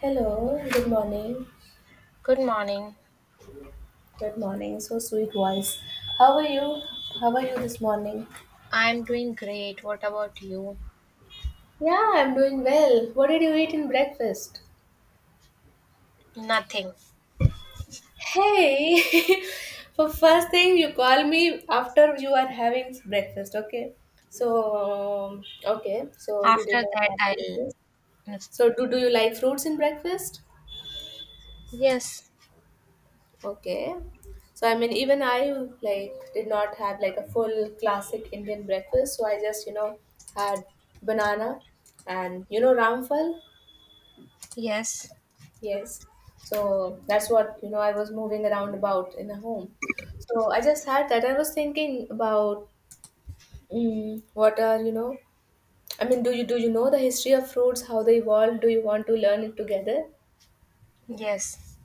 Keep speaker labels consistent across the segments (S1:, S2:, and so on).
S1: Hello, good morning.
S2: Good morning.
S1: Good morning, so sweet voice. How are you? How are you this morning?
S2: I'm doing great. What about you?
S1: Yeah, I'm doing well. What did you eat in breakfast?
S2: Nothing.
S1: Hey! For first thing, you call me after you are having breakfast, okay? So, okay, so you did
S2: After
S1: not
S2: that,
S1: have
S2: I'll.
S1: breakfast. So, do you like fruits in breakfast?
S2: Yes,
S1: Okay. So I mean, even I like did not have like a full classic Indian breakfast. So I just had banana, and ramphal.
S2: yes,
S1: Yes. So that's what. I was moving around about in a home. So I just had that. I was thinking about mm, what are you know. I mean, do you know the history of fruits? How they evolved? Do you want to learn it together?
S2: yes.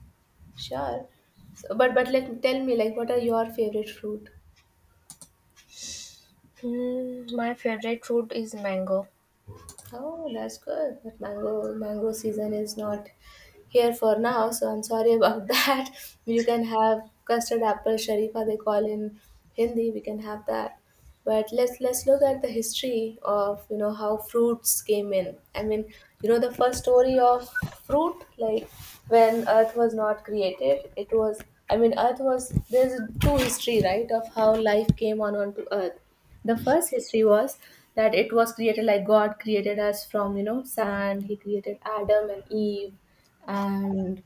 S1: Sure. So, but let tell me like what are your favorite fruit?
S2: Hmm, my favorite fruit is mango.
S1: Oh, that's good. But mango season is not here for now, so I'm sorry about that. You can have custard apple sharifa they call in Hindi. We can have that but let's look at the history of how fruits came in. I mean, you know the first story of fruit, like when earth was not created. It was, I mean, earth was, there's two history, right, of how life came on onto earth. The first history was that it was created, like god created us from, you know, sand. He created Adam and Eve, and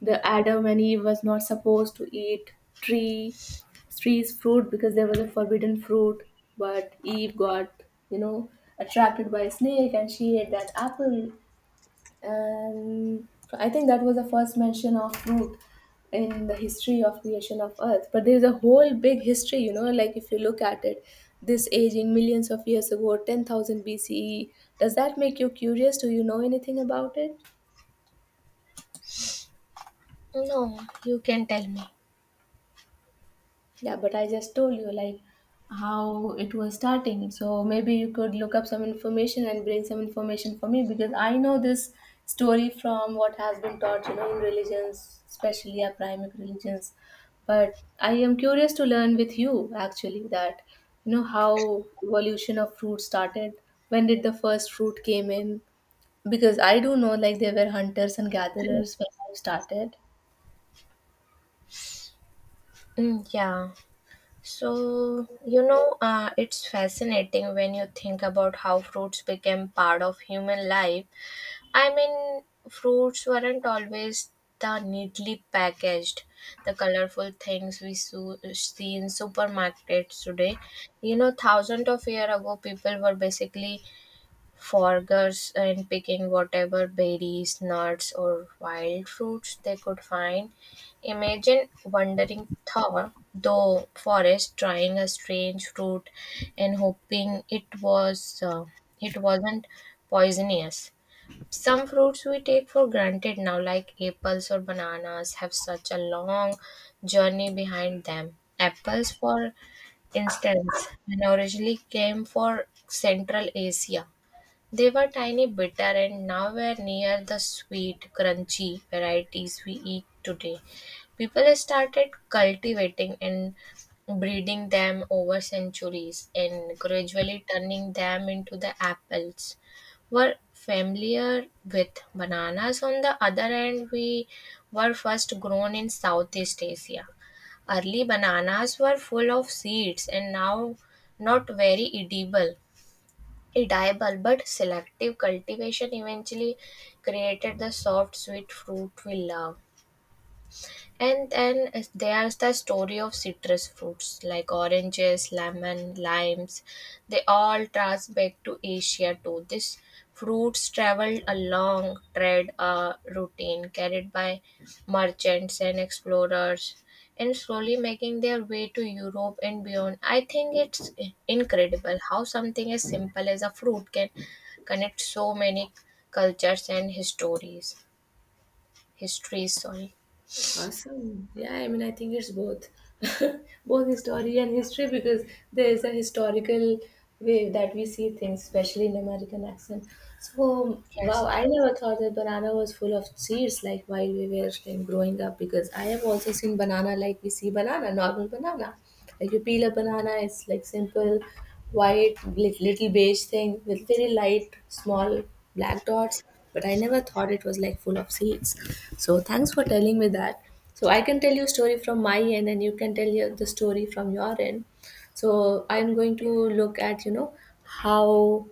S1: the Adam and Eve was not supposed to eat tree trees fruit, because there was a forbidden fruit. But Eve got, you know, attracted by a snake and she ate that apple. And so I think that was the first mention of fruit in the history of creation of earth. But there's a whole big history, you know, like if you look at it, this age in millions of years ago, 10,000 BCE. Does that make you curious? Do you know anything about it?
S2: No, you can tell me.
S1: Yeah, but I just told you like how it was starting. So maybe you could look up some information and bring some information for me, because I know this story from what has been taught, you know, in religions, especially our primary religions. But I am curious to learn with you, actually, that you know how evolution of fruit started. When did the first fruit came in? Because I do know like there were hunters and gatherers when I started.
S2: Mm, yeah. So, it's fascinating when you think about how fruits became part of human life. I mean, Fruits weren't always the neatly packaged, the colorful things we see in supermarkets today. You know, thousands of years ago, people were basically foragers and picking whatever berries, nuts, or wild fruits they could find. Imagine wandering through the forest, trying a strange fruit, and hoping it was it wasn't poisonous. Some fruits we take for granted now, like apples or bananas, have such a long journey behind them. Apples, for instance, and originally came from Central Asia. They were tiny, bitter, and nowhere near the sweet, crunchy varieties we eat today. People started cultivating and breeding them over centuries and gradually turning them into the apples were familiar with. Bananas, on the other hand, we were first grown in Southeast Asia. Early bananas were full of seeds and now not very edible, but selective cultivation eventually created the soft sweet fruit we love. And then there's the story of citrus fruits like oranges, lemon, limes. They all trace back to Asia too. These fruits traveled a long, trade routine, carried by merchants and explorers, and slowly making their way to Europe and beyond. I think it's incredible how something as simple as a fruit can connect so many cultures and histories. Histories, sorry.
S1: Awesome. Yeah, I mean, I think it's both, both history and history, because there is a historical way that we see things, especially in American accent. So, wow,
S2: Yes.
S1: I never thought that banana was full of seeds, like while we were like growing up, because I have also seen banana, like we see banana, normal banana. Like you peel a banana, it's like simple white li- little beige thing with very light small black dots, but I never thought it was like full of seeds. So thanks for telling me that. So I can tell you a story from my end and you can tell you the story from your end. So I'm going to look at, you know, how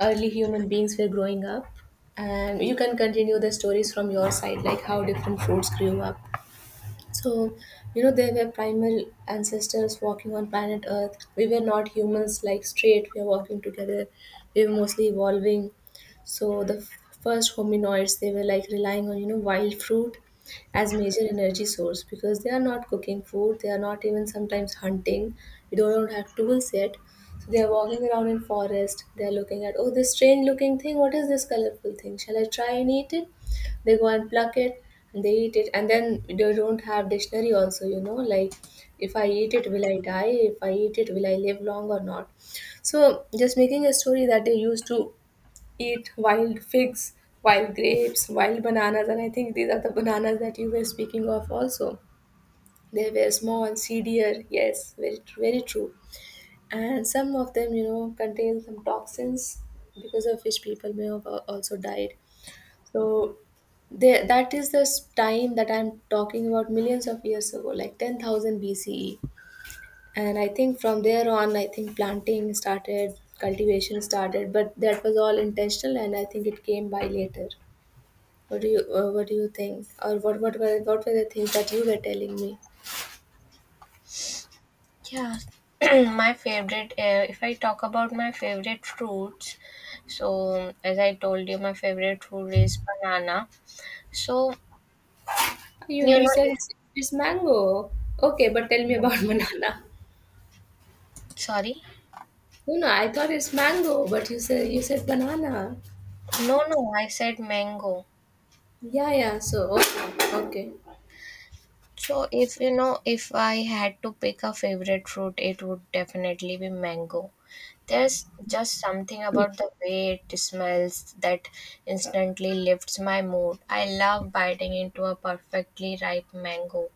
S1: early human beings were growing up, and you can continue the stories from your side, like how different fruits grew up. So, you know, they were primal ancestors walking on planet Earth. We were not humans like straight, we are walking together. We were mostly evolving. So, the f- first hominoids, they were like relying on, you know, wild fruit as major energy source, because they are not cooking food, they are not even sometimes hunting. We don't have tools yet. So they are walking around in forest. They are looking at, oh, this strange looking thing. What is this colorful thing? Shall I try and eat it? They go and pluck it and they eat it. And then they don't have dictionary also, you know, like if I eat it will I die, if I eat it will I live long or not. So just making a story that they used to eat wild figs, wild grapes, wild bananas. And I think these are the bananas that you were speaking of also. They were small, seedier, yes, very, very true. And some of them, you know, contain some toxins, because of which people may have al- also died. So there, that is this time that I'm talking about millions of years ago, like 10,000 BCE. And I think from there on, I think planting started, cultivation started, but that was all intentional, and I think it came by later. What do you think, or what were the things that you were telling me?
S2: Yeah, my favorite. If I talk about my favorite fruits, so as I told you, my favorite fruit is banana. So
S1: You
S2: you know,
S1: said
S2: if,
S1: it's mango. Okay, but tell me about banana.
S2: sorry,
S1: No, no, I thought it's mango, but you said banana.
S2: no, no, I said mango.
S1: Yeah, yeah. So okay.
S2: So if you know, if I had to pick a favorite fruit, it would definitely be mango. There's just something
S1: Okay.
S2: about the way it smells that instantly lifts my mood. I love biting into a perfectly ripe mango.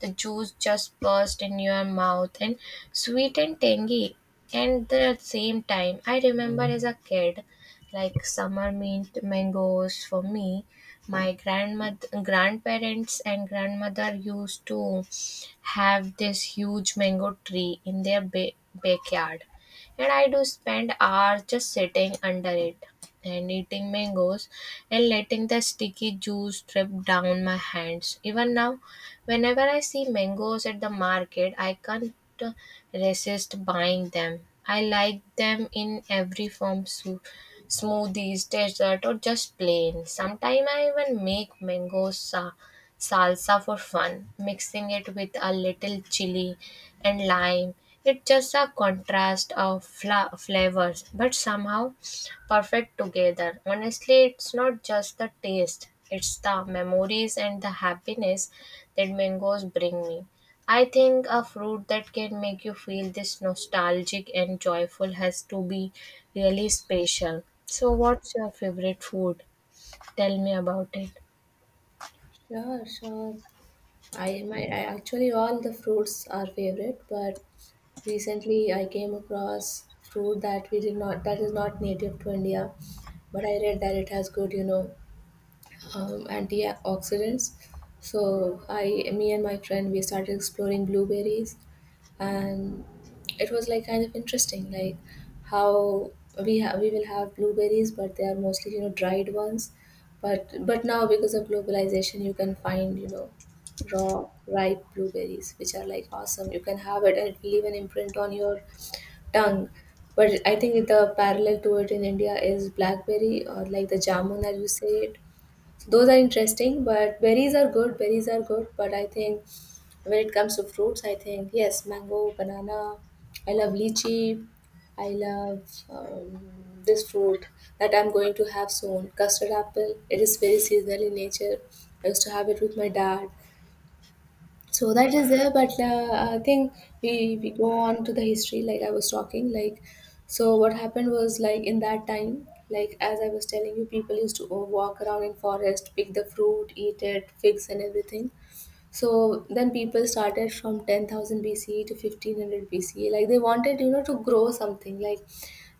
S2: The juice just bursts in your mouth, and sweet and tangy. And the same time, I remember as a kid, like summer meant mangoes for me. My grandparents and grandmother used to have this huge mango tree in their backyard, and I do spend hours just sitting under it and eating mangoes and letting the sticky juice drip down my hands. Even now, whenever I see mangoes at the market, I can't resist buying them. I like them in every form: soup, smoothies, dessert, or just plain. Sometimes I even make mango salsa for fun, mixing it with a little chili and lime. It's just a contrast of flavors, but somehow perfect together. Honestly, it's not just the taste, it's the memories and the happiness that mangoes bring me. I think a fruit that can make you feel this nostalgic and joyful has to be really special. So, what's your favorite food? Tell me about it.
S1: Yeah, sure. I actually all the fruits are favorite, but recently I came across fruit that we did not that is not native to India, but I read that it has good, you know, antioxidants. Me and my friend, we started exploring blueberries, and it was like kind of interesting, like how we will have blueberries, but they are mostly, you know, dried ones. But now, because of globalization, you can find, you know, raw ripe blueberries, which are like awesome. You can have it, and it will leave an imprint on your tongue. But I think the parallel to it in India is blackberry or like the jamun as you say it. Those are interesting. But berries are good, berries are good. But I think when it comes to fruits, I think yes, mango, banana. I love lychee. I love, um, this fruit that I'm going to have soon, custard apple. It is very seasonal in nature. I used to have it with my dad. So that is there. But I think we go on to the history, like I was talking, like so what happened was, like in that time, like as I was telling you, people used to walk around in forest, pick the fruit, eat it, figs and everything. So then people started from 10,000 BCE to 1500 BCE. Like they wanted, you know, to grow something. Like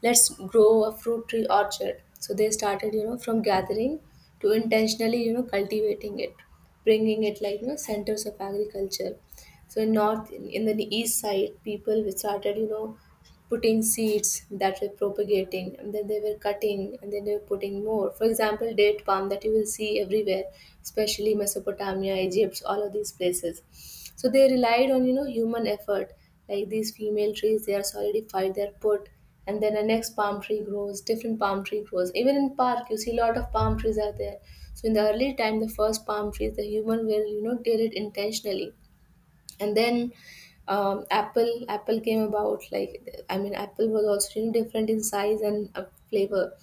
S1: let's grow a fruit tree orchard. So they started, you know, from gathering to intentionally, you know, cultivating it, bringing it like, you know, centers of agriculture. So in north, in the east side, people started, you know, putting seeds that were propagating, and then they were cutting, and then they were putting more, for example date palm, that you will see everywhere, especially Mesopotamia, Egypt, all of these places. So they relied on, you know, human effort. Like these female trees, they are solidified, they're put, and then a next palm tree grows, different palm tree grows. Even in park you see a lot of palm trees are there. So in the early time, the first palm trees, the human will, you know, did it intentionally. And then, apple came about, like I mean apple was also, you know, different in size and flavor.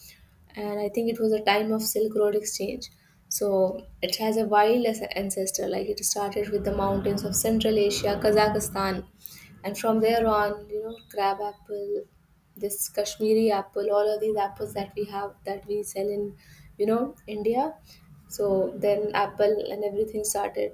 S1: And I think it was a time of silk road exchange. So it has a wild as- ancestor, like it started with the mountains of central Asia, Kazakhstan. And from there on, you know, crab apple, this Kashmiri apple, all of these apples that we have, that we sell in, you know, India. So then apple and everything started.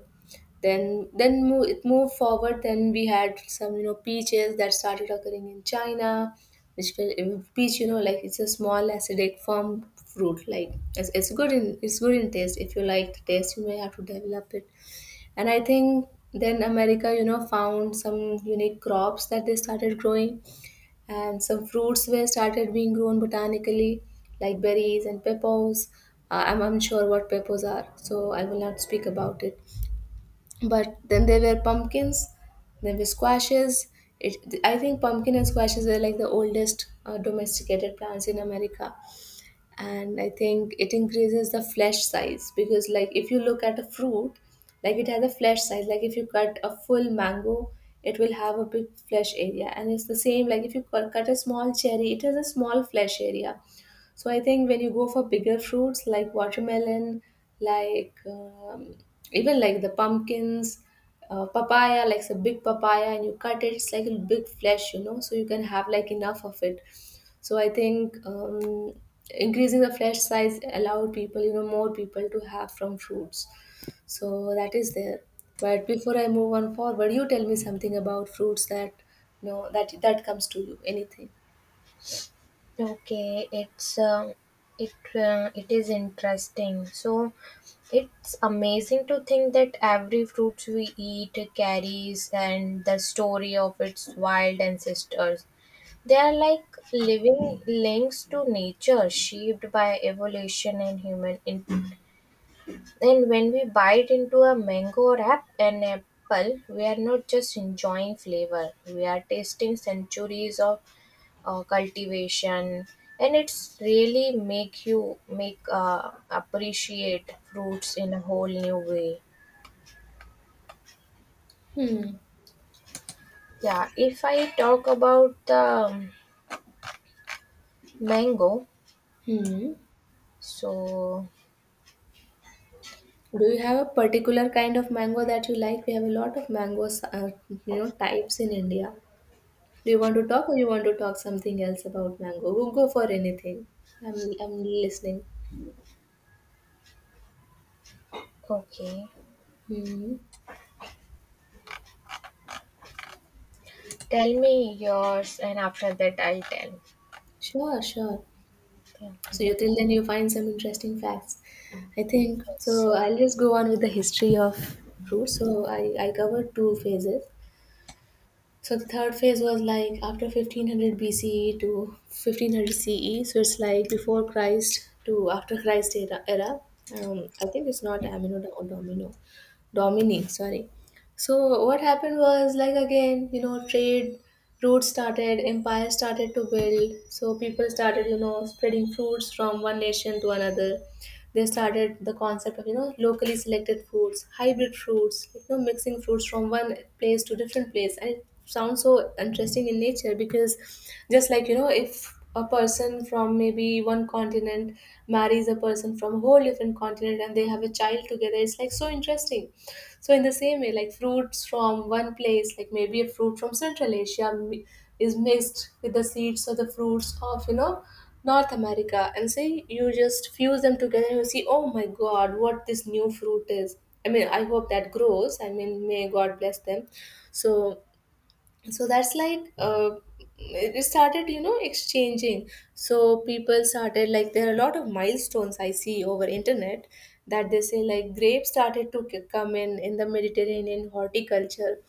S1: Then it moved forward. Then we had some, you know, peaches that started occurring in China, which will- peach, you know, like it's a small acidic firm fruit. It's good in, it's good in taste. If you like the taste you may have to develop it. And I think then America, you know, found some unique crops that they started growing. And some fruits were started being grown botanically, like berries and peppos. I'm sure what peppos are, so I will not speak about it. But then there were pumpkins, there were squashes. It, I think pumpkin and squashes are like the oldest domesticated plants in America. And I think it increases the flesh size, because like if you look at a fruit, like it has a flesh size, like if you cut a full mango, it will have a big flesh area. And it's the same, like if you cut a small cherry, it has a small flesh area. So I think when you go for bigger fruits like watermelon, like even like the pumpkins, papaya, like a big papaya, and you cut it, it's like a big flesh, you know, so you can have like enough of it. So I think increasing the flesh size allowed people, you know, more people to have from fruits. So that is there. But before I move on forward, you tell me something about fruits that you know that comes to you. Anything?
S2: Okay, it's it is interesting. So it's amazing to think that every fruit we eat carries and the story of its wild ancestors. They are like living links to nature, shaped by evolution and human And when we bite into a mango or an apple, we are not just enjoying flavor, we are tasting centuries of cultivation. And it's really make you make appreciate fruits in a whole new way.
S1: Hmm.
S2: Yeah, if I talk about the mango,
S1: Hmm.
S2: so
S1: Do you have a particular kind of mango that you like? We have a lot of mangoes, you know, types in India. Do you want to talk, or you want to talk something else about mango? Go for anything. I'm listening.
S2: okay,
S1: Hmm.
S2: tell me yours, and after that I'll tell.
S1: Sure, sure.
S2: Yeah.
S1: So you till then you find some interesting facts. I think
S2: Yes.
S1: so. I'll just go on with the history of fruit. So I I covered two phases. So the third phase was like after 1500 BCE to 1500 CE. So it's like before Christ to after Christ era. I think it's not Amino or Domino, Domini. Sorry. So what happened was like again, you know, trade routes started, empires started to build. So people started, you know, spreading fruits from one nation to another. They started the concept of, you know, locally selected foods, hybrid fruits, you know, mixing fruits from one place to different place, and it sounds so interesting in nature because just, like you know, if a person from maybe one continent marries a person from a whole different continent and they have a child together, it's like so interesting. So in the same way, like fruits from one place, like maybe a fruit from Central Asia, is mixed with the seeds or the fruits of, you know, North America, and say you just fuse them together, and you see, oh my God, what this new fruit is. I mean, I hope that grows. I mean, may God bless them. So so that's like it started, you know, exchanging. So people started, like there are a lot of milestones I see over internet that they say like grapes started to come in the Mediterranean horticulture.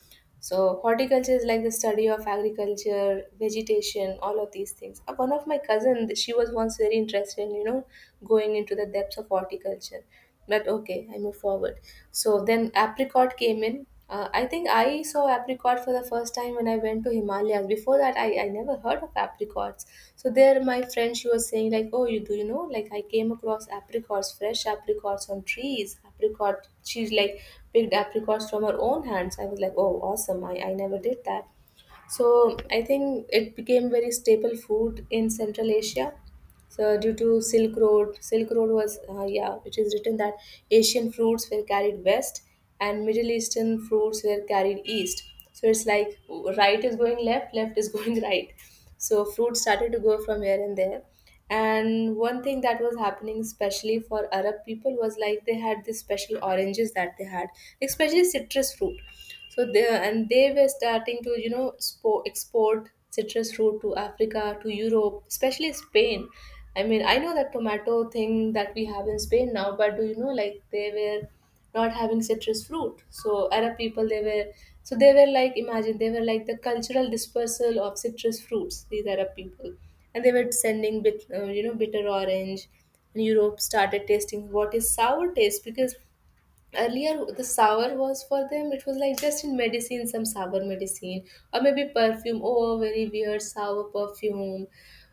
S1: So, horticulture is like the study of agriculture, vegetation, all of these things. One of my cousins, she was once very interested in, you know, going into the depths of horticulture. But okay, I move forward. So then apricot came in. I think I saw apricot for the first time when I went to Himalayas. Before that, I never heard of apricots. So there, my friend, she was saying like, oh, you do you know, like I came across apricots, fresh apricots on trees apricot. She's like picked apricots from her own hands. I was like, oh, awesome! I never did that. So I think it became very staple food in Central Asia. So due to Silk Road, Silk Road was yeah, it is written that Asian fruits were carried west and Middle Eastern fruits were carried east. So it's like right is going left, left is going right. So fruits started to go from here and there. And one thing that was happening, especially for Arab people, was like they had these special oranges that they had, especially citrus fruit. So they and they were starting to, you know, export citrus fruit to Africa, to Europe, especially Spain. I mean, I know that tomato thing that we have in Spain now, but do you know like they were not having citrus fruit. So Arab people, they were, so they were like, imagine, they were like the cultural dispersal of citrus fruits, these Arab people. And they were sending bit you know, bitter orange, and Europe started tasting what is sour taste, because earlier the sour was for them, it was like just in medicine, some sour medicine, or maybe perfume, oh, very weird sour perfume,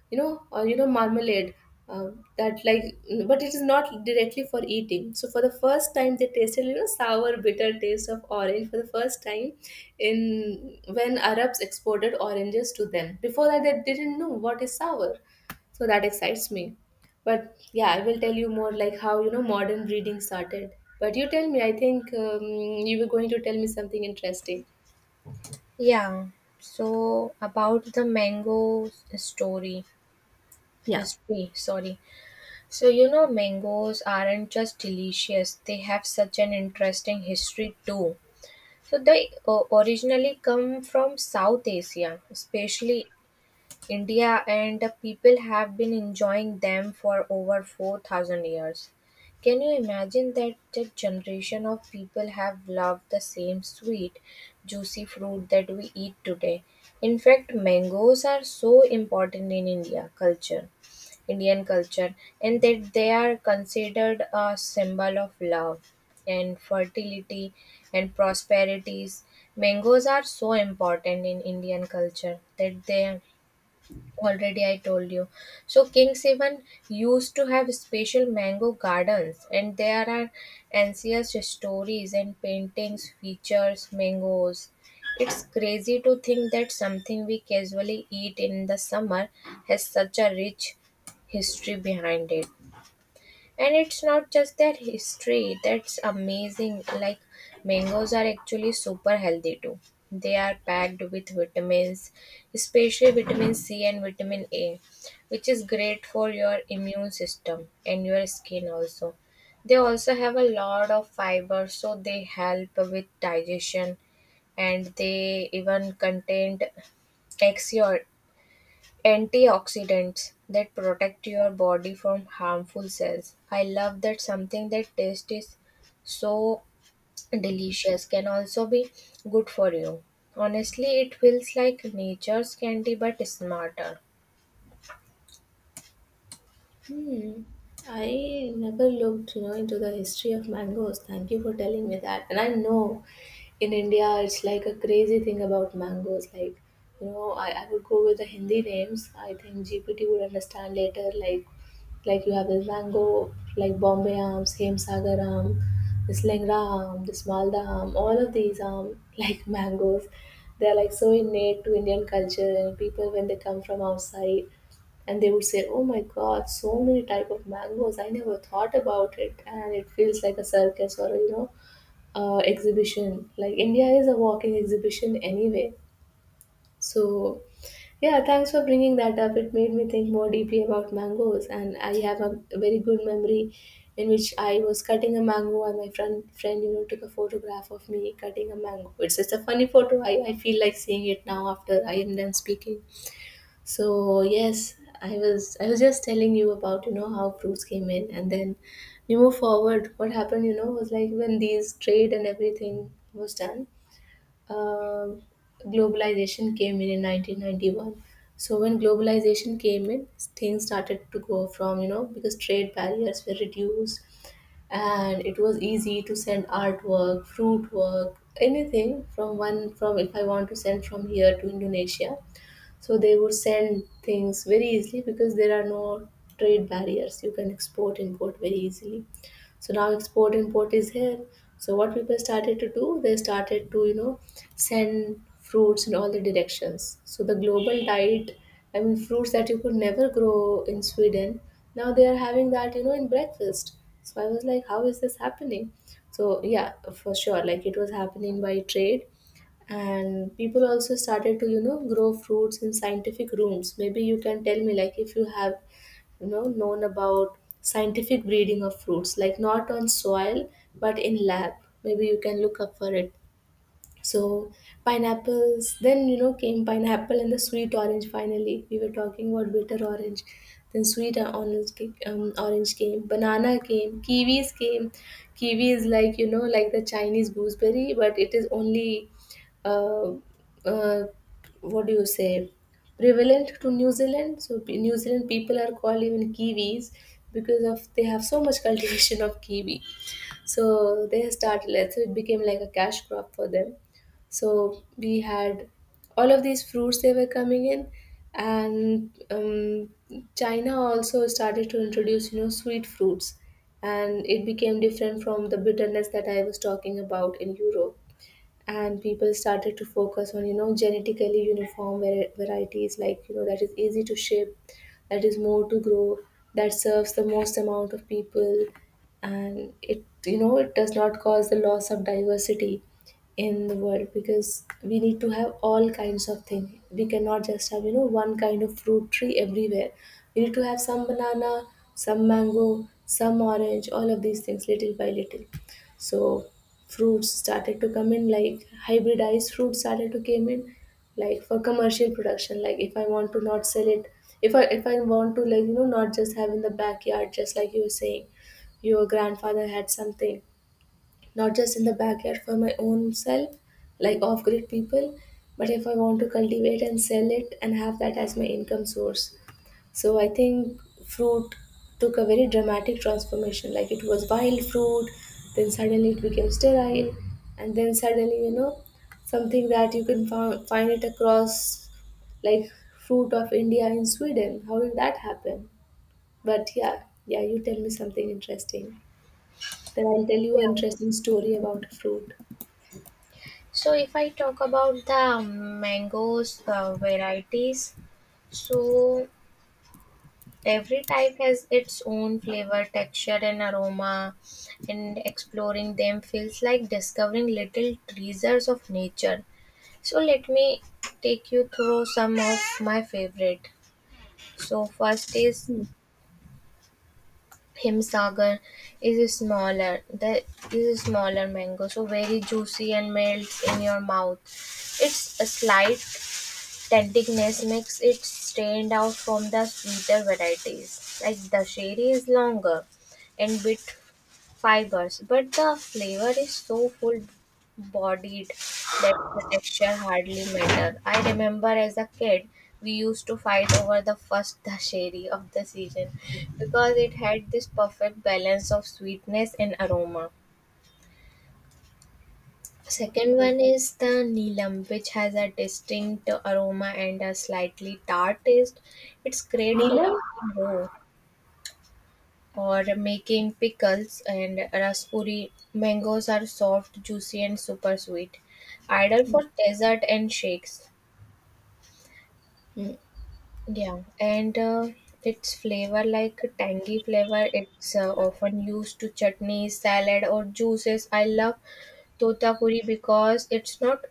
S1: you know, or you know, marmalade, uh, that like, but it is not directly for eating. So for the first time they tasted, you know, sour bitter taste of orange for the first time in when Arabs exported oranges to them. Before that, they didn't know what is sour. So that excites me. But yeah, I will tell you more like how, you know, modern breeding started. But you tell me, I think you were going to tell me something interesting.
S2: Yeah. So about the mango story,
S1: Yeah.
S2: history, sorry. So you know mangoes aren't just delicious, they have such an interesting history too. So they originally come from South Asia, especially India, and the people have been enjoying them for over 4000 years. Can you imagine that the generation of people have loved the same sweet, juicy fruit that we eat today? In fact, mangoes are so important in India culture, Indian culture, and that they are considered a symbol of love and fertility and prosperities. Mangoes are so important in Indian culture that they already I told you. So King Seven used to have special mango gardens, and there are ancient stories and paintings features mangoes. It's crazy to think that something we casually eat in the summer has such a rich history behind it. And it's not just their history that's amazing. Like mangoes are actually super healthy too. They are packed with vitamins, especially vitamin C and vitamin A, which is great for your immune system and your skin also. They also have a lot of fiber, so they help with digestion, and they even contain antioxidants that protect your body from harmful cells. I love that something that tastes is so delicious can also be good for you. Honestly, it feels like nature's candy but smarter.
S1: Hmm. I never looked, you know, into the history of mangoes. Thank you for telling me that. And I know in India it's like a crazy thing about mangoes. Like, you know, I would go with the Hindi names. I think GPT would understand later, like you have this mango, like Bombay Aam, Same Sagar Aam, this Lengra Aam, this Malda Aam, all of these Aam, like mangoes. They're like so innate to Indian culture, and people when they come from outside and they would say, oh my God, so many type of mangoes, I never thought about it. And it feels like a circus or a, you know, exhibition. Like India is a walking exhibition anyway. So yeah, thanks for bringing that up. It made me think more deeply about mangoes, and I have a very good memory in which I was cutting a mango and my friend, you know, took a photograph of me cutting a mango. It's just a funny photo. I feel like seeing it now after I am done speaking. So yes, I was just telling you about, you know, how fruits came in, and then we move forward. What happened, you know, was like when these trade and everything was done, um globalization came in 1991. So when globalization came in, things started to go from, you know, because trade barriers were reduced, and it was easy to send artwork, fruit work, anything from one, from if I want to send from here to Indonesia, so they would send things very easily because there are no trade barriers. You can export, import very easily. So now export import is here. So what people started to do, they started to, you know, send fruits in all the directions. So the global diet, I mean fruits that you could never grow in Sweden, now they are having that, you know, in breakfast. So I was like, how is this happening? So yeah, for sure, like it was happening by trade. And people also started to, you know, grow fruits in scientific rooms. Maybe you can tell me, like if you have, you know, known about scientific breeding of fruits, like not on soil but in lab. Maybe you can look up for it. So pineapples, then you know came pineapple and the sweet orange. Finally, we were talking about bitter orange, then sweet orange, orange came, banana came, kiwis came. Kiwi is like, you know, like the Chinese gooseberry, but it is only uh, uh, what do you say, prevalent to New Zealand. So New Zealand people are called even kiwis because of they have so much cultivation of kiwi. So they started. So it became like a cash crop for them. So we had all of these fruits they were coming in, and China also started to introduce, you know, sweet fruits, and it became different from the bitterness that I was talking about in Europe. And people started to focus on, you know, genetically uniform varieties, like, you know, that is easy to ship, that is more to grow, that serves the most amount of people, and it, you know, it does not cause the loss of diversity in the world, because we need to have all kinds of things. We cannot just have, you know, one kind of fruit tree everywhere. We need to have some banana, some mango, some orange, all of these things, little by little. So fruits started to come in, like hybridized fruits started to came in, like for commercial production. Like if I want to not sell it, if I want to, like, you know, not just have in the backyard, just like you were saying your grandfather had something, not just in the backyard for my own self, like off grid people, but if I want to cultivate and sell it and have that as my income source. So I think fruit took a very dramatic transformation. Like it was wild fruit, then suddenly it became sterile, and then suddenly, you know, something that you can found, find it across, like fruit of India in Sweden. How did that happen? But yeah, yeah, you tell me something interesting. Then I'll tell you an interesting story about fruit.
S2: So if I talk about the mangoes varieties, so every type has its own flavor, texture, and aroma, and exploring them feels like discovering little treasures of nature. So let me take you through some of my favorite. So first is
S1: Hmm.
S2: Himsagar is a smaller the is a smaller mango, so very juicy and melts in your mouth. Its a slight tanticness makes it stand out from the sweeter varieties. Like the sheri is longer and bit fibers, but the flavor is so full bodied that the texture hardly matter. I remember as a kid we used to fight over the first dasheri of the season because it had this perfect balance of sweetness and aroma. Second one is the Neelam, which has a distinct aroma and a slightly tart taste. It's great for
S1: Neelam?
S2: eating raw, or making pickles. And raspberry mangoes are soft, juicy, and super sweet, ideal for dessert and shakes.
S1: Hmm.
S2: Yeah, and its flavor like tangy flavor, it's often used to chutneys, salad, or juices. I love totapuri because it's not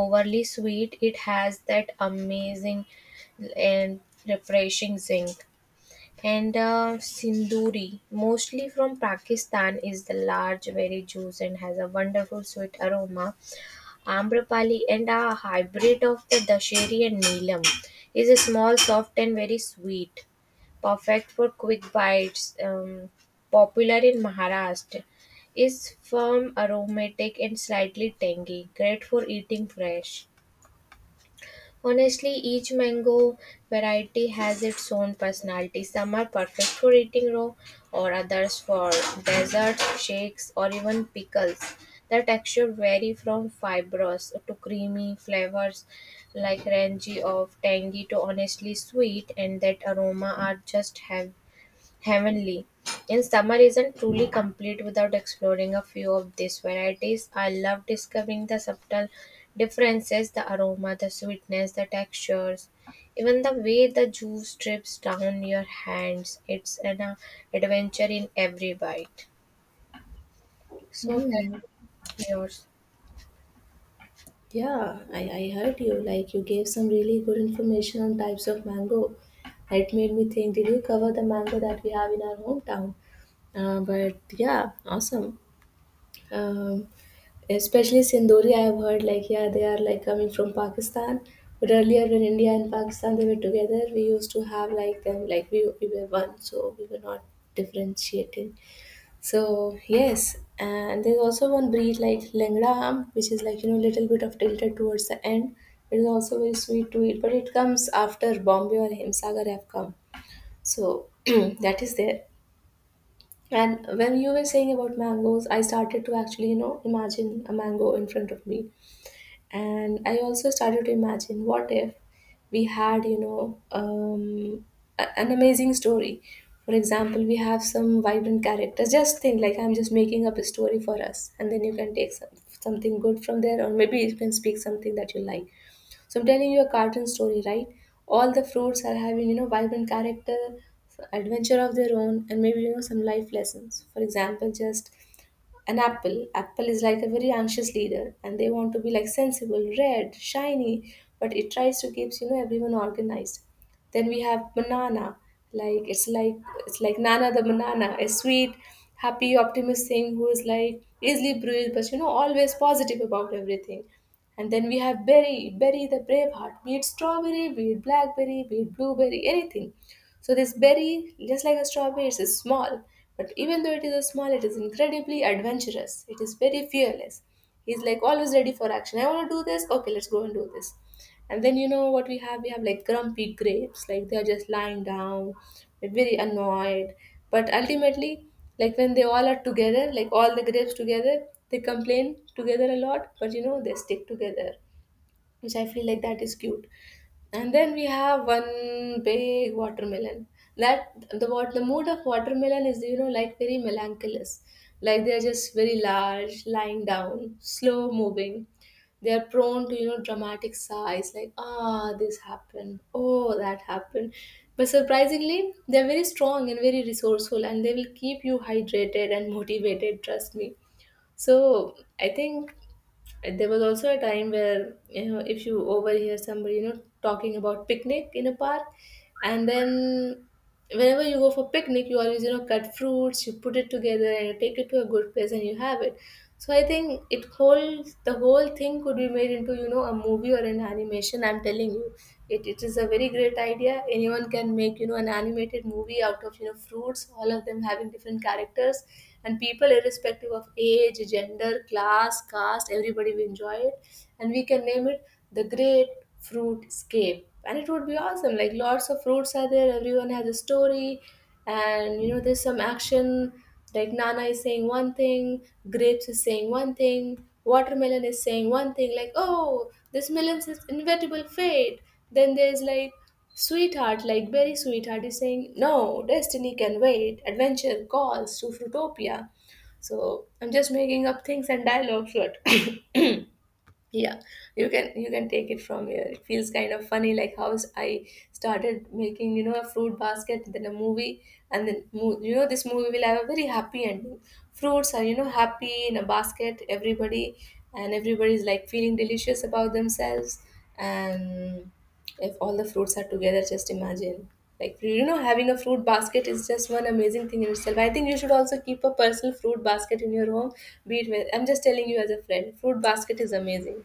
S2: overly sweet, it has that amazing and refreshing zinc. And Sinduri, mostly from Pakistan, is the large, very juice and has a wonderful sweet aroma. Amrapali and a hybrid of the Dasheri and Neelam is a small, soft, and very sweet. Perfect for quick bites. Popular in Maharashtra, is firm, aromatic, and slightly tangy. Great for eating fresh. Honestly, each mango variety has its own personality. Some are perfect for eating raw, or others for desserts, shakes, or even pickles. The texture vary from fibrous to creamy flavors like rangy of tangy to honestly sweet, and that aroma are just heaven, heavenly. In summer isn't truly complete without exploring a few of these varieties. I love discovering the subtle differences, the aroma, the sweetness, the textures, even the way the juice drips down your hands. It's an adventure in every bite. So
S1: Hmm.
S2: that's yours.
S1: Yeah, I heard you. Like, you gave some really good information on types of mango. It made me think, did you cover the mango that we have in our hometown? But yeah, awesome. Um, especially Sindori, I've heard like, yeah, they are like coming from Pakistan. But earlier, when India and Pakistan they were together, we used to have like them, like we were one, so we were not differentiating. So yes, and there's also one breed like Langra Am, which is like little bit of tilted towards the end. It is also very sweet to eat, but it comes after Bombay or Himsagar have come. So that is there. And when you were saying about mangoes, I started to actually imagine a mango in front of me, and I also started to imagine, what if we had an amazing story? For example, we have some vibrant characters. Just think, like, I'm just making up a story for us, and then you can take some, something good from there, or maybe you can speak something that you like. So I'm telling you a cartoon story, right? All the fruits are having vibrant character, adventure of their own, and maybe some life lessons. For example, just an apple is like a very anxious leader, and they want to be like sensible, red, shiny, but it tries to keeps everyone organized. Then we have banana, like it's like, it's like nana the banana, a sweet, happy optimist thing, who is like easily bruised but always positive about everything. And then we have berry, berry the brave heart. Be it strawberry, be it blackberry, be it blueberry, anything. So this berry, just like a strawberry, it is small, but even though it is a small, it is incredibly adventurous. It is very fearless. He's like always ready for action. I want to do this. Okay, let's go and do this. And then you know what we have? We have like grumpy grapes. Like they are just lying down, they very annoyed. But ultimately, like when they all are together, like all the grapes together, they complain together a lot. But they stick together, which I feel like that is cute. And then we have one big watermelon. That, the what, the mood of watermelon is, you know, like very melancholous. Like they're just very large, lying down, slow moving. They are prone to, you know, dramatic sighs, like, ah, this happened, oh, that happened. But surprisingly, they're very strong and very resourceful, and they will keep you hydrated and motivated, trust me. So I think, and there was also a time where if you overhear somebody talking about picnic in a park, and then whenever you go for picnic you always cut fruits, you put it together and you take it to a good place and you have it. So I think it whole the whole thing could be made into a movie or an animation. I'm telling you, it is a very great idea. Anyone can make an animated movie out of fruits, all of them having different characters, and people irrespective of age, gender, class, caste, everybody will enjoy it, and we can name it the Great Fruit Scape, and it would be awesome. Like lots of fruits are there. Everyone has a story, and there's some action. Like nana is saying one thing, grapes is saying one thing, watermelon is saying one thing like, oh, this melon's is inevitable fate. Then there's like sweetheart, like very sweetheart is saying, no, destiny can wait, adventure calls to Fruitopia. So I'm just making up things and dialogue, but yeah, you can take it from here. It feels kind of funny, like how I started making a fruit basket, then a movie, and then this movie will have a very happy ending. Fruits are happy in a basket, everybody, and everybody is like feeling delicious about themselves. And if all the fruits are together, just imagine. Like having a fruit basket is just one amazing thing in itself. I think you should also keep a personal fruit basket in your home. Be it with, I'm just telling you as a friend, fruit basket is amazing.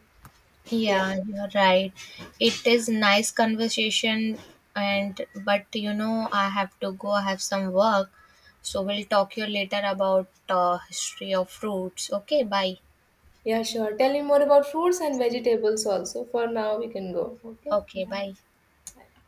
S1: Yeah,
S2: Yeah, you're right. It is nice conversation, and but you know I have to go, I have some work. So we'll talk you later about history of fruits. Okay, bye.
S1: yeah, sure. Tell me more about fruits and vegetables also. For now, we can go. Okay.
S2: Okay, bye.
S1: Bye.